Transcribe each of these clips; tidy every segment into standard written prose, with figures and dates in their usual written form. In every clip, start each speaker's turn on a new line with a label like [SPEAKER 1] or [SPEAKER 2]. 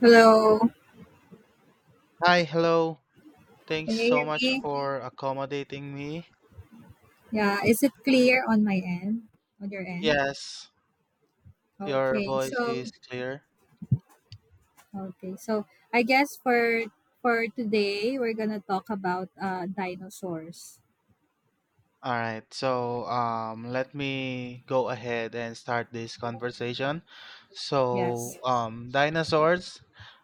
[SPEAKER 1] Hello,
[SPEAKER 2] Hi, hello. Thanks
[SPEAKER 1] can
[SPEAKER 2] so
[SPEAKER 1] you
[SPEAKER 2] much
[SPEAKER 1] hear me?
[SPEAKER 2] for accommodating me.
[SPEAKER 1] Yeah, is it clear on my end? On your end?
[SPEAKER 2] Yes, your
[SPEAKER 1] Okay,
[SPEAKER 2] voice
[SPEAKER 1] so
[SPEAKER 2] is clear.
[SPEAKER 1] okay, so I guess for today we're gonna talk about dinosaurs.
[SPEAKER 2] All right, so let me go ahead and start this conversation.
[SPEAKER 1] Yes,
[SPEAKER 2] Dinosaurs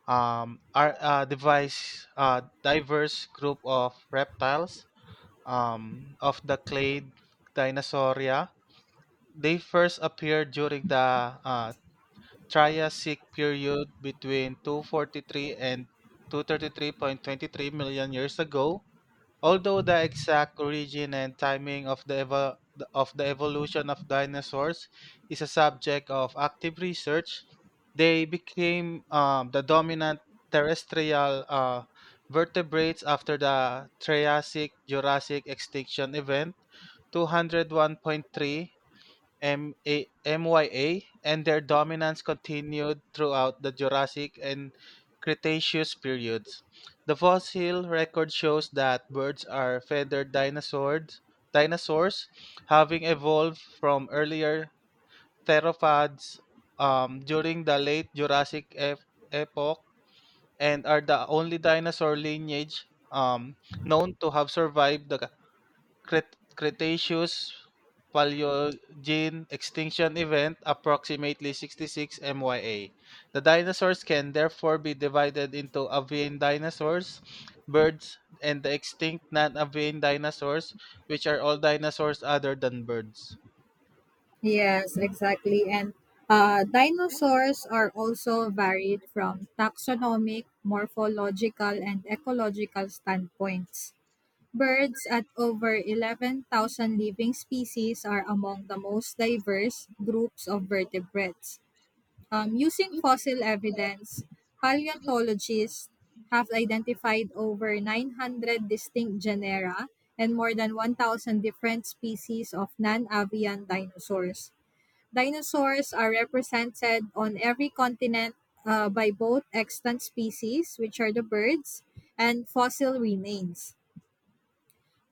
[SPEAKER 2] are a diverse group of reptiles of the clade Dinosauria. They first appeared during the Triassic period between 243 and 233.23 million years ago, although the exact origin and timing of the of the evolution of dinosaurs is a subject of active research. They became the dominant terrestrial vertebrates after the Triassic-Jurassic extinction event 201.3 M a m y a, and their dominance continued throughout the Jurassic and Cretaceous periods. The fossil record shows that birds are feathered dinosaurs, having evolved from earlier theropods during the late Jurassic epoch, and are the only dinosaur lineage known to have survived the Cretaceous Paleogene extinction event approximately 66 MYA. The dinosaurs can therefore be divided into avian dinosaurs, birds, and the extinct non-avian dinosaurs, which are all dinosaurs other than birds.
[SPEAKER 1] yes, exactly. And dinosaurs are also varied from taxonomic, morphological, and ecological standpoints. Birds at over 11,000 living species are among the most diverse groups of vertebrates. Using fossil evidence, paleontologists have identified over 900 distinct genera and more than 1,000 different species of non avian dinosaurs. Dinosaurs are represented on every continent by both extant species, which are the birds, and fossil remains.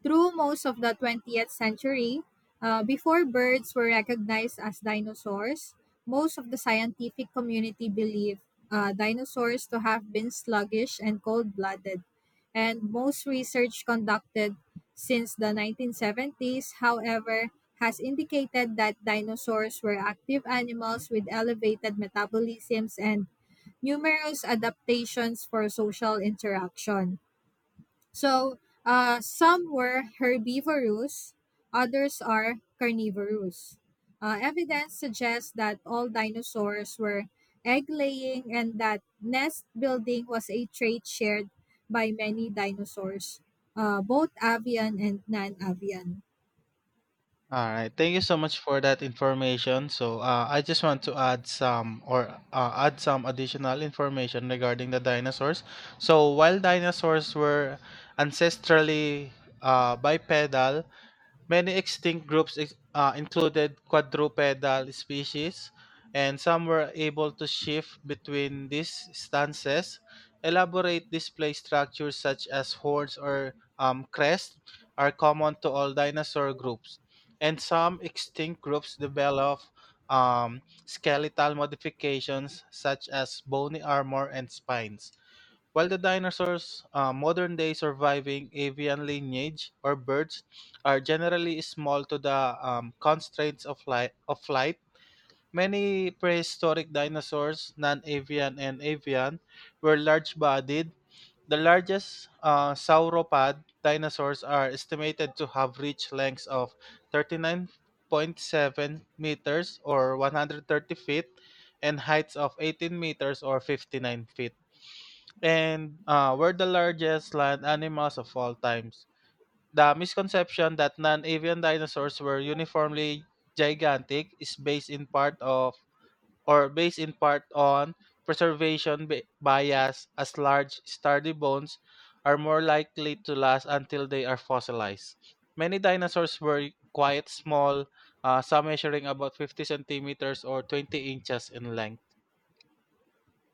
[SPEAKER 1] Through most of the 20th century, before birds were recognized as dinosaurs, most of the scientific community believed dinosaurs to have been sluggish and cold blooded. And most research conducted since the 1970s, however, has indicated that dinosaurs were active animals with elevated metabolisms and numerous adaptations for social interaction. So some were herbivorous, others are carnivorous. Evidence suggests that all dinosaurs were egg laying and that nest building was a trait shared by many dinosaurs, both avian and non avian.
[SPEAKER 2] All right, thank you so much for that information. So, I just want to add some additional information regarding the dinosaurs. So, while dinosaurs were ancestrally bipedal, many extinct groups included quadrupedal species, and some were able to shift between these stances. Elaborate display structures such as horns or crests are common to all dinosaur groups, and some extinct groups develop um, skeletal modifications such as bony armor and spines. While the dinosaurs, modern day surviving avian lineage or birds, are generally small to the constraints of flight, many prehistoric dinosaurs, non avian and avian, were large bodied. The largest sauropod dinosaurs are estimated to have reached lengths of 39.7 meters or 130 feet, and heights of 18 meters or 59 feet, and were the largest land animals of all times. The misconception that non-avian dinosaurs were uniformly gigantic is based in part on preservation bias, as large sturdy bones are more likely to last until they are fossilized. Many dinosaurs were quite small, some measuring about 50 centimeters or 20 inches in length.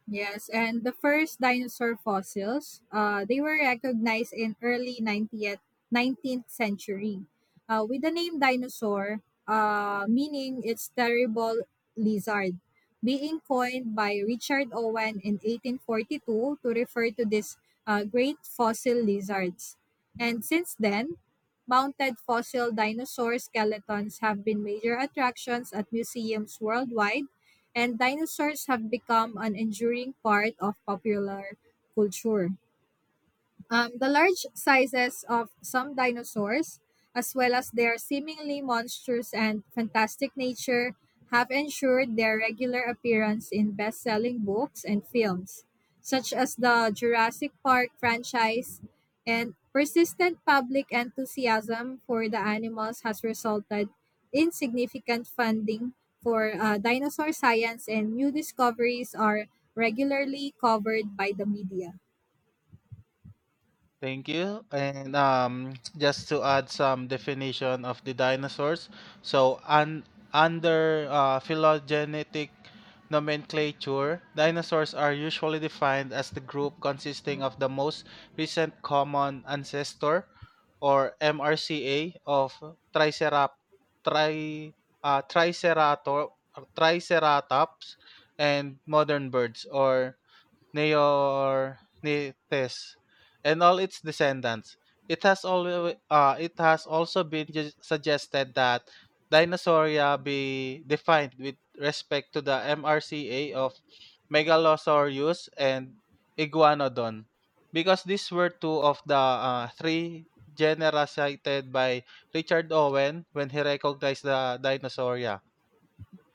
[SPEAKER 1] Yes, and the first dinosaur fossils, they were recognized in early 90th, 19th century with the name dinosaur, meaning its terrible lizard, being coined by Richard Owen in 1842 to refer to these great fossil lizards. And since then, mounted fossil dinosaur skeletons have been major attractions at museums worldwide and dinosaurs have become an enduring part of popular culture. The large sizes of some dinosaurs, as well as their seemingly monstrous and fantastic nature, have ensured their regular appearance in best selling books and films, such as the Jurassic Park franchise, and persistent public enthusiasm for the animals has resulted in significant funding for dinosaur science, and new discoveries are regularly covered by the media.
[SPEAKER 2] Thank you. And just to add some definition of the dinosaurs. So un- Under phylogenetic nomenclature, dinosaurs are usually defined as the group consisting of the most recent common ancestor, or MRCA, of Tricerap- tri- uh, Tricerator- Triceratops and modern birds, or Neornithes, and all its descendants. It has also been suggested that Dinosauria be defined with respect to the MRCA of Megalosaurus and Iguanodon, because these were two of the three genera cited by Richard Owen when he recognized the Dinosauria.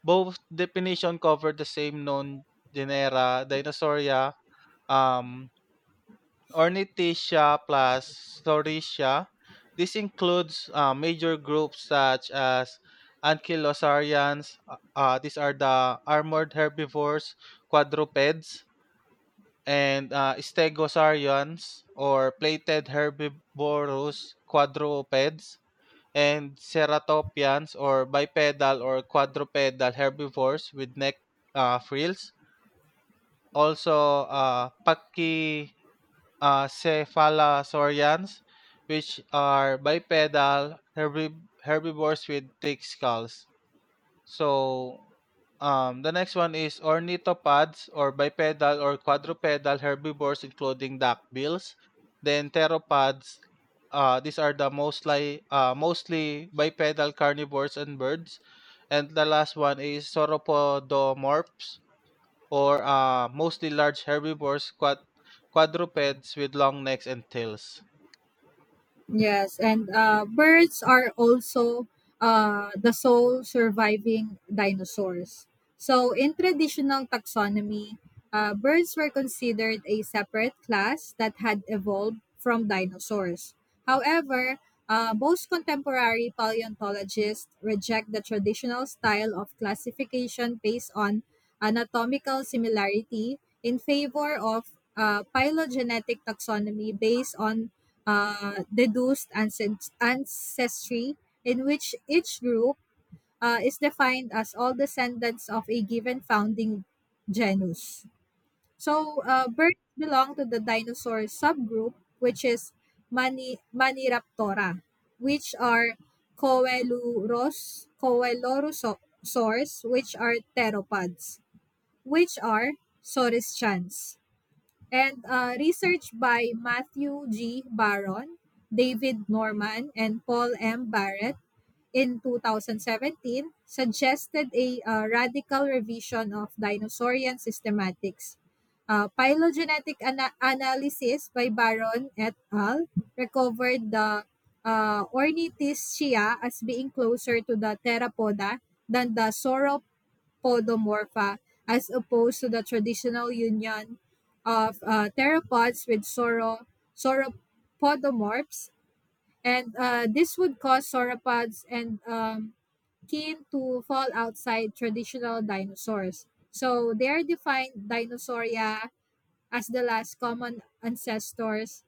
[SPEAKER 2] Both definitions cover the same known genera, Dinosauria, um, Ornithischia plus Saurischia. This includes major groups such as ankylosaurians. These are the armored herbivores, quadrupeds, and stegosaurians or plated herbivorous quadrupeds, and ceratopians or bipedal or quadrupedal herbivores with neck frills. Also, Pachy cephalosaurians, which are bipedal herbivores with thick skulls. So, the next one is ornithopods or bipedal or quadrupedal herbivores, including duckbills. Then pteropods. These are the mostly bipedal carnivores and birds. And the last one is sauropodomorphs or mostly large herbivores, quadrupeds with long necks and tails.
[SPEAKER 1] Yes, and birds are also the sole surviving dinosaurs. So, in traditional taxonomy, birds were considered a separate class that had evolved from dinosaurs. However, most contemporary paleontologists reject the traditional style of classification based on anatomical similarity in favor of phylogenetic taxonomy based on deduced ancestry, in which each group is defined as all descendants of a given founding genus. So, birds belong to the dinosaur subgroup, which is Maniraptora, which are Coeluros, Coelurosaurs, which are pteropods, which are Saurischans and research by Matthew G. Baron, David Norman, and Paul M. Barrett in 2017 suggested a radical revision of dinosaurian systematics. Phylogenetic analysis by Baron et al. Recovered the Ornithischia as being closer to the Theropoda than the sauropod podomorpha as opposed to the traditional union of pteropods with sauropodomorphs. And this would cause sauropods and kin to fall outside traditional dinosaurs. So they are defined dinosauria as the last common ancestors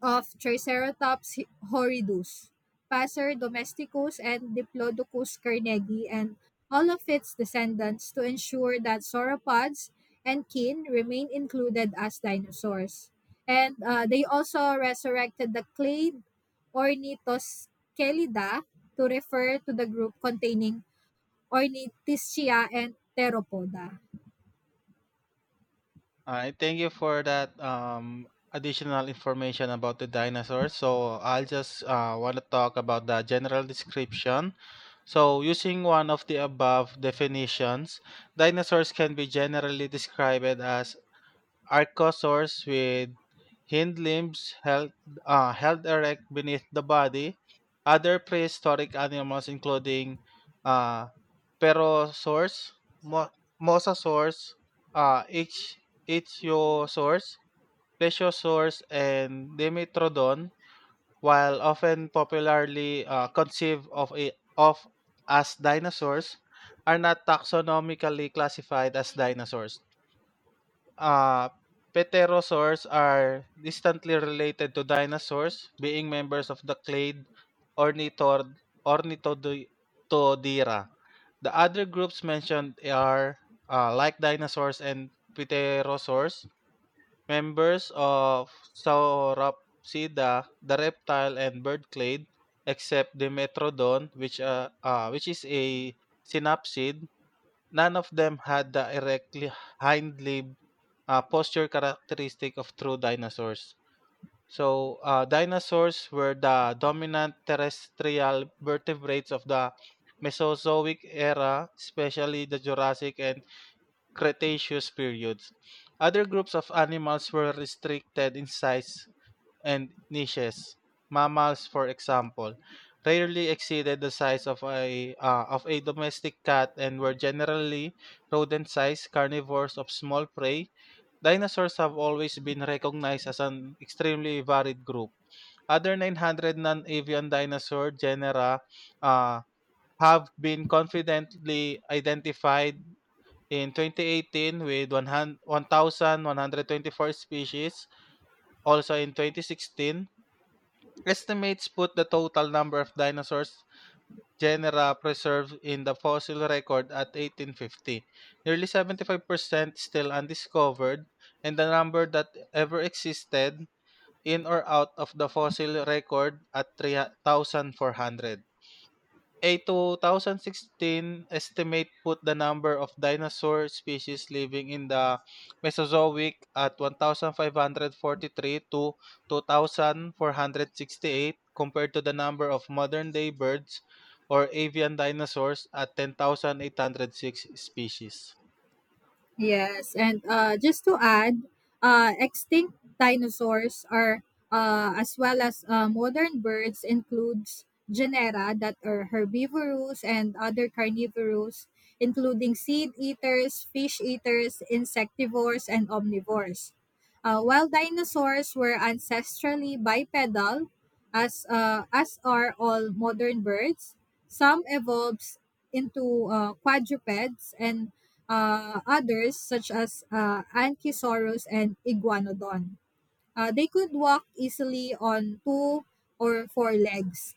[SPEAKER 1] of Triceratops horridus, Passer domesticus, and Diplodocus carnegi, and all of its descendants to ensure that sauropods and kin remain included as dinosaurs. And they also resurrected the clade Ornitoscelida to refer to the group containing Ornithischia and Pteropoda.
[SPEAKER 2] I thank you for that additional information about the dinosaurs. So I'll just want to talk about the general description. So using one of the above definitions, dinosaurs can be generally described as archosaurs with hind limbs held erect beneath the body. Other prehistoric animals including uh, Pero source, mo MOSA source, H HYO source, Plesio source, and Dimetrodon, while often popularly conceived of as dinosaurs, are not taxonomically classified as dinosaurs. Uh, pterosaurs are distantly related to dinosaurs, being members of the clade Ornithor- Ornithodira. The other groups mentioned are, like dinosaurs and pterosaurs, members of Sauropsida, the reptile and bird clade, except Dimetrodon, which is a synapsid. None of them had the erect hind limb posture characteristic of true dinosaurs. So, dinosaurs were the dominant terrestrial vertebrates of the Mesozoic era, especially the Jurassic and Cretaceous periods. Other groups of animals were restricted in size and niches. Mammals, for example, rarely exceeded the size of a domestic cat, and were generally rodent-sized carnivores of small prey. Dinosaurs have always been recognized as an extremely varied group. Other 900 non-avian dinosaur genera uh, have been confidently identified in 2018 with 1,124 species. Also in 2016, estimates put the total number of dinosaurs genera preserved in the fossil record at 1850. Nearly 75% still undiscovered, and the number that ever existed in or out of the fossil record at 3,400. A 2016 estimate put the number of dinosaur species living in the Mesozoic at 1,543 to 2,468, compared to the number of modern day birds or avian dinosaurs at 10,806 species.
[SPEAKER 1] Yes, and just to add, extinct dinosaurs are as well as modern birds includes genera that are herbivorous and other carnivorous, including seed eaters, fish eaters, insectivores, and omnivores. While dinosaurs were ancestrally bipedal, as are all modern birds, some evolves into quadrupeds and others, such as Ankysaurus and Iguanodon. They could walk easily on two or four legs.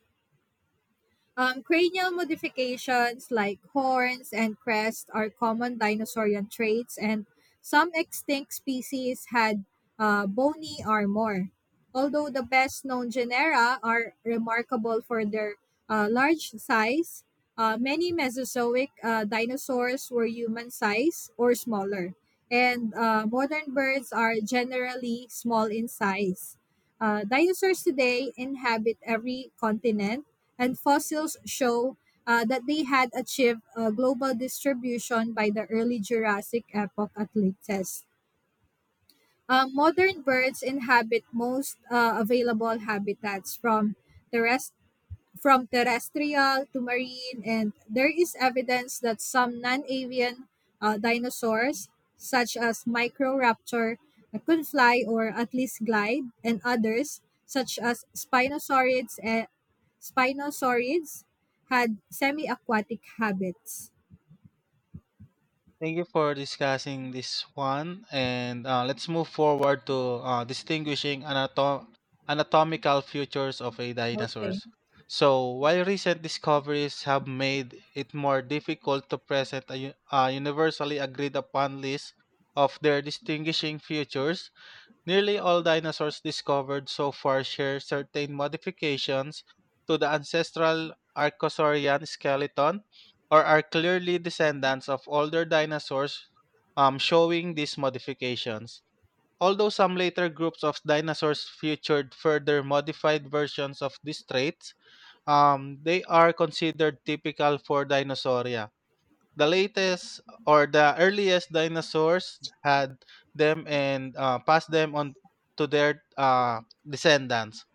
[SPEAKER 1] Cranial modifications like horns and crest are common dinosaurian traits, and some extinct species had bony armor. Although the best known genera are remarkable for their large size, many Mesozoic dinosaurs were human size or smaller, and modern birds are generally small in size. Dinosaurs today inhabit every continent and fossils show that they had achieved global distribution by the early Jurassic epoch at latest. Modern birds inhabit most available habitats from terrestrial terrestrial to marine, and there is evidence that some non avian dinosaurs, such as Microraptor, could fly or at least glide, and others, such as Spinosaurids, and Spinosaurids had semi aquatic habits.
[SPEAKER 2] Thank you for discussing this one. And let's move forward to distinguishing anatomical features of a
[SPEAKER 1] Okay.
[SPEAKER 2] dinosaurs. So, while recent discoveries have made it more difficult to present a universally agreed upon list of their distinguishing features, nearly all dinosaurs discovered so far share certain modifications to the ancestral archosaurian skeleton, or are clearly descendants of older dinosaurs showing these modifications. Although some later groups of dinosaurs featured further modified versions of these traits, they are considered typical for dinosauria. The latest or the earliest dinosaurs had them, and passed them on to their descendants.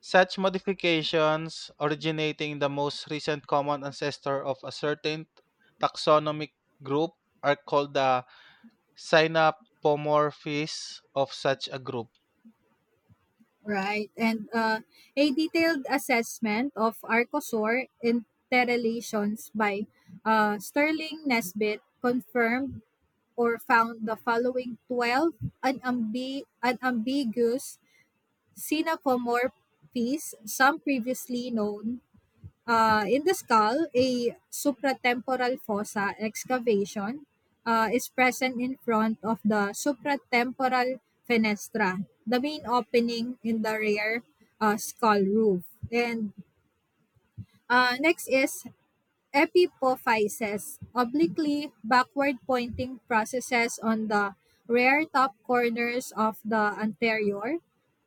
[SPEAKER 2] Such modifications, originating in the most recent common ancestor of a certain taxonomic group, are called the synapomorphies of such a group.
[SPEAKER 1] Right. And a detailed assessment of archosaur interrelations by Sterling Nesbitt confirmed or found the following 12 unambiguous synapomorphies, some previously known. In the skull, a supratemporal fossa excavation is present in front of the supratemporal fenestra, the main opening in the rear skull roof. And next is Epipophyses, obliquely backward-pointing processes on the rear top corners of the anterior,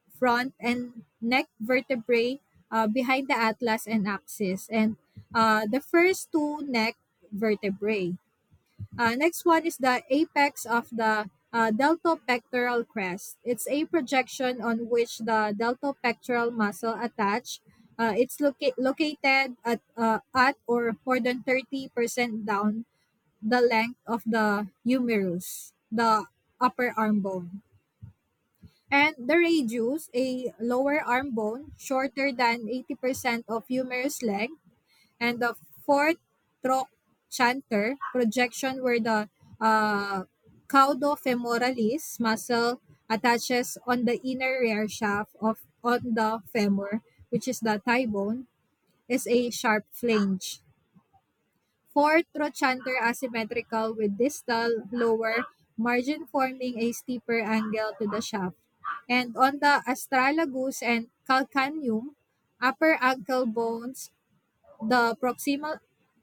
[SPEAKER 1] front, and neck vertebrae behind the atlas and axis, and the first two neck vertebrae. Next one is the apex of the deltopectoral crest. It's a projection on which the deltopectoral muscle attach. It's located at or more than 30% down the length of the humerus, the upper arm bone. And the radius, a lower arm bone, shorter than 80% of humerus length, and the fourth troch chanter projection where the uh, caudofemoralis muscle attaches on the inner rear shaft of on the femur, which is the thigh bone, is a sharp flange. Fourth trochanter asymmetrical with distal lower margin forming a steeper angle to the shaft. And on the astragalus and calcaneum, upper ankle bones the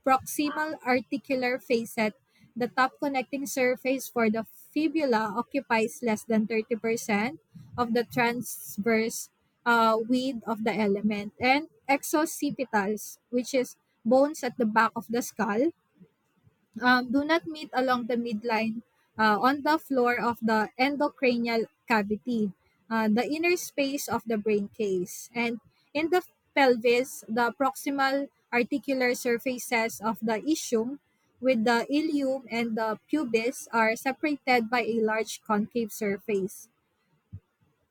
[SPEAKER 1] proximal articular facet, the top connecting surface for the fibula occupies less than 30% of the transverse width of the element. And exoccipitals, which is bones at the back of the skull, do not meet along the midline on the floor of the endocranial cavity, the inner space of the brain case. And in the pelvis, the proximal articular surfaces of the ischium with the ilium and the pubis are separated by a large concave surface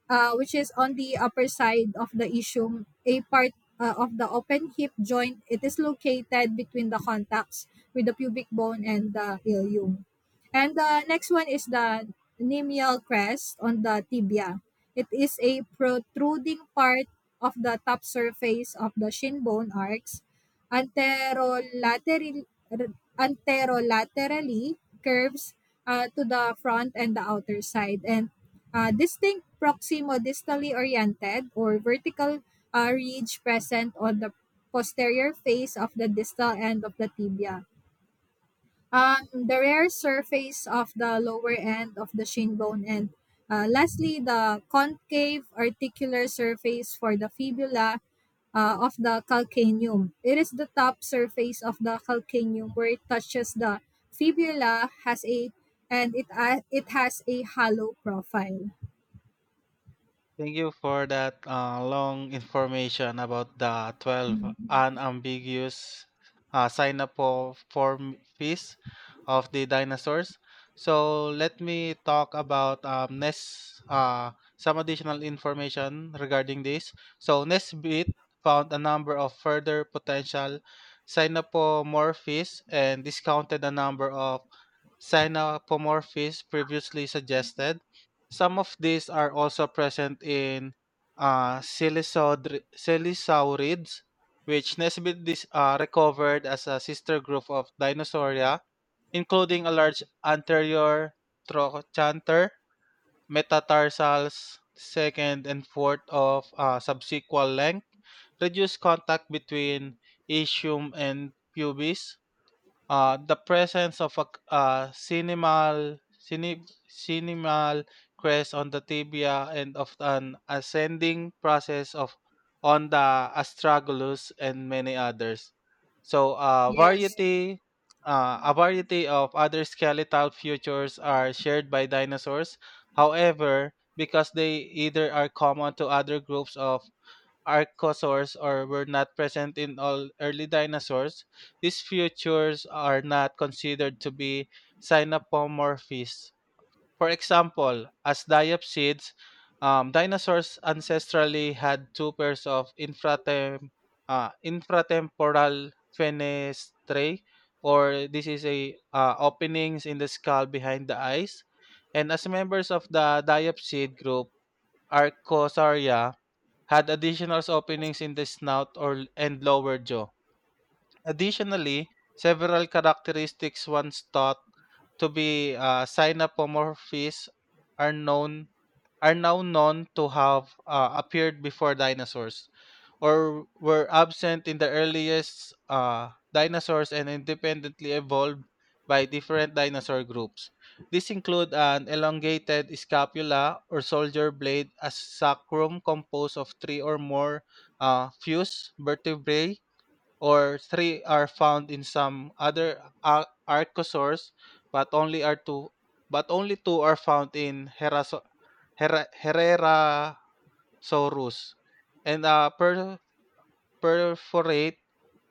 [SPEAKER 1] which is on the upper side of the ischium, a part of the open hip joint. It is located between the contacts with the pubic bone and the ilium. And the next one is the nemial crest on the tibia. It is a protruding part of the top surface of the shin bone arcs anterolateral anterolaterally curves to the front and the outer side and distinct proximodistally oriented or vertical ridge present on the posterior face of the distal end of the tibia the rare surface of the lower end of the shin bone, and lastly, the concave articular surface for the fibula of the calcaneum. It is the top surface of the calcaneum where it touches the fibula has a and it it has a hollow profile.
[SPEAKER 2] Thank you for that long information about the 12
[SPEAKER 1] Mm.
[SPEAKER 2] unambiguous sign up for form fees of the dinosaurs. So let me talk about some additional information regarding this. So Nesbit found a number of further potential synapomorphies, and discounted a number of synapomorphies previously suggested. Some of these are also present in psilosaurids, which Nesbitt recovered as a sister group of Dinosauria, including a large anterior trochanter, metatarsals, second and fourth of subsequal length, reduced contact between ischium and pubis, the presence of a cinemal crest on the tibia and of an ascending process of on the astragalus and many others. So
[SPEAKER 1] Yes.
[SPEAKER 2] variety A variety of other skeletal features are shared by dinosaurs. However, because they either are common to other groups of archosaurs, or were not present in all early dinosaurs, these features are not considered to be synapomorphies. For example, as diapsids, dinosaurs ancestrally had two pairs of infratemporal fenestrae, or this is a openings in the skull behind the eyes. And as members of the diapsid group, Archosauria had additional openings in the snout or and lower jaw. Additionally, several characteristics once thought to be synapomorphies are known are now known to have appeared before dinosaurs, or were absent in the earliest dinosaurs and independently evolved by different dinosaur groups. These include an elongated scapula or soldier blade, a sacrum composed of three or more fused vertebrae, or three are found in some other archosaurs, but only two are found in Herrerasaurus, and a perforate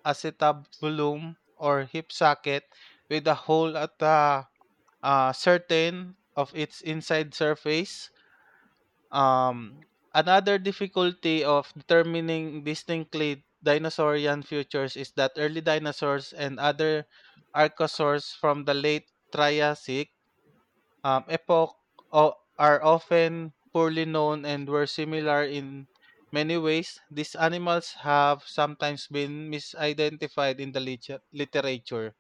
[SPEAKER 2] acetabulum or hip socket with a hole at a certain of its inside surface. Um, Another difficulty of determining distinctly dinosaurian futures is that early dinosaurs and other archosaurs from the late Triassic epoch are often poorly known and were similar in many ways. These animals have sometimes been misidentified in the literature.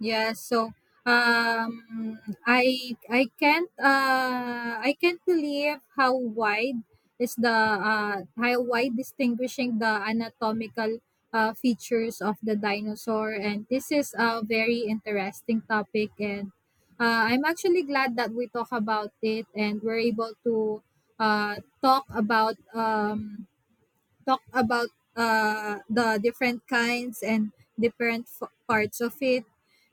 [SPEAKER 1] Yeah, so um I can't I can't believe how wide is the how wide distinguishing the anatomical features of the dinosaur and this is a very interesting topic and I'm actually glad that we talk about it and we're able to talk about talk about the different kinds and different parts of it.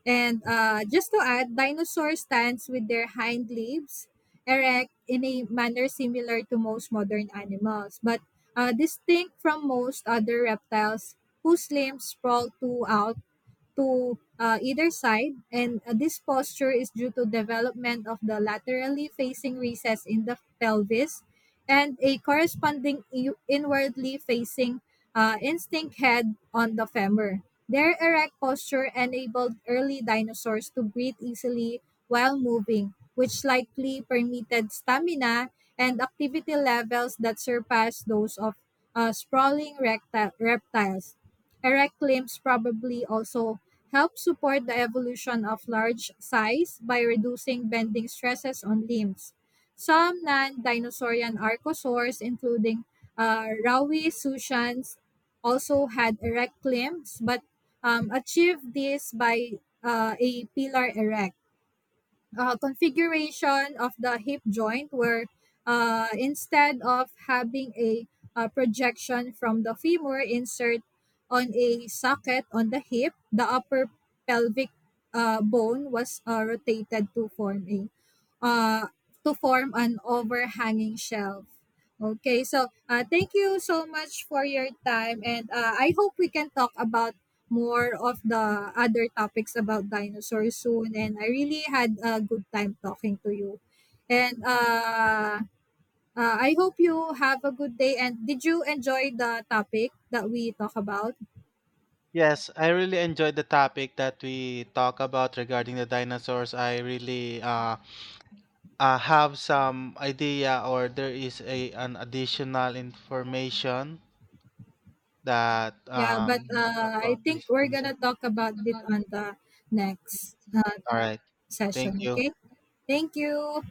[SPEAKER 1] And just to add, dinosaur stands with their hind leaves erect in a manner similar to most modern animals, but distinct from most other reptiles whose limbs sprawl too out to either side and this posture is due to development of the laterally facing recess in the pelvis and a corresponding inwardly facing instinct head on the femur their erect posture enabled early dinosaurs to breathe easily while moving which likely permitted stamina and activity levels that surpass those of sprawling reptiles erect limbs probably also help support the evolution of large size by reducing bending stresses on limbs. Some non-dinosaurian archosaurs, including Rawi Sushans, also had erect limbs, but achieved this by a pillar erect configuration of the hip joint where instead of having a, projection from the femur insert on a socket on the hip, the upper pelvic bone was rotated to form a uh, to form an overhanging shelf. Okay, so thank you so much for your time, and I hope we can talk about more of the other topics about dinosaurs soon and I really had a good time talking to you. And I hope you have a good day and did you enjoy the topic that we talk about?
[SPEAKER 2] Yes, I really enjoyed the topic that we talk about regarding the dinosaurs. I really have some idea, or there is a an additional information that
[SPEAKER 1] Yeah, but I
[SPEAKER 2] about
[SPEAKER 1] think
[SPEAKER 2] this
[SPEAKER 1] we're going to
[SPEAKER 2] organization.
[SPEAKER 1] talk about it on the next
[SPEAKER 2] All right.
[SPEAKER 1] session,
[SPEAKER 2] Thank you.
[SPEAKER 1] okay? Thank you.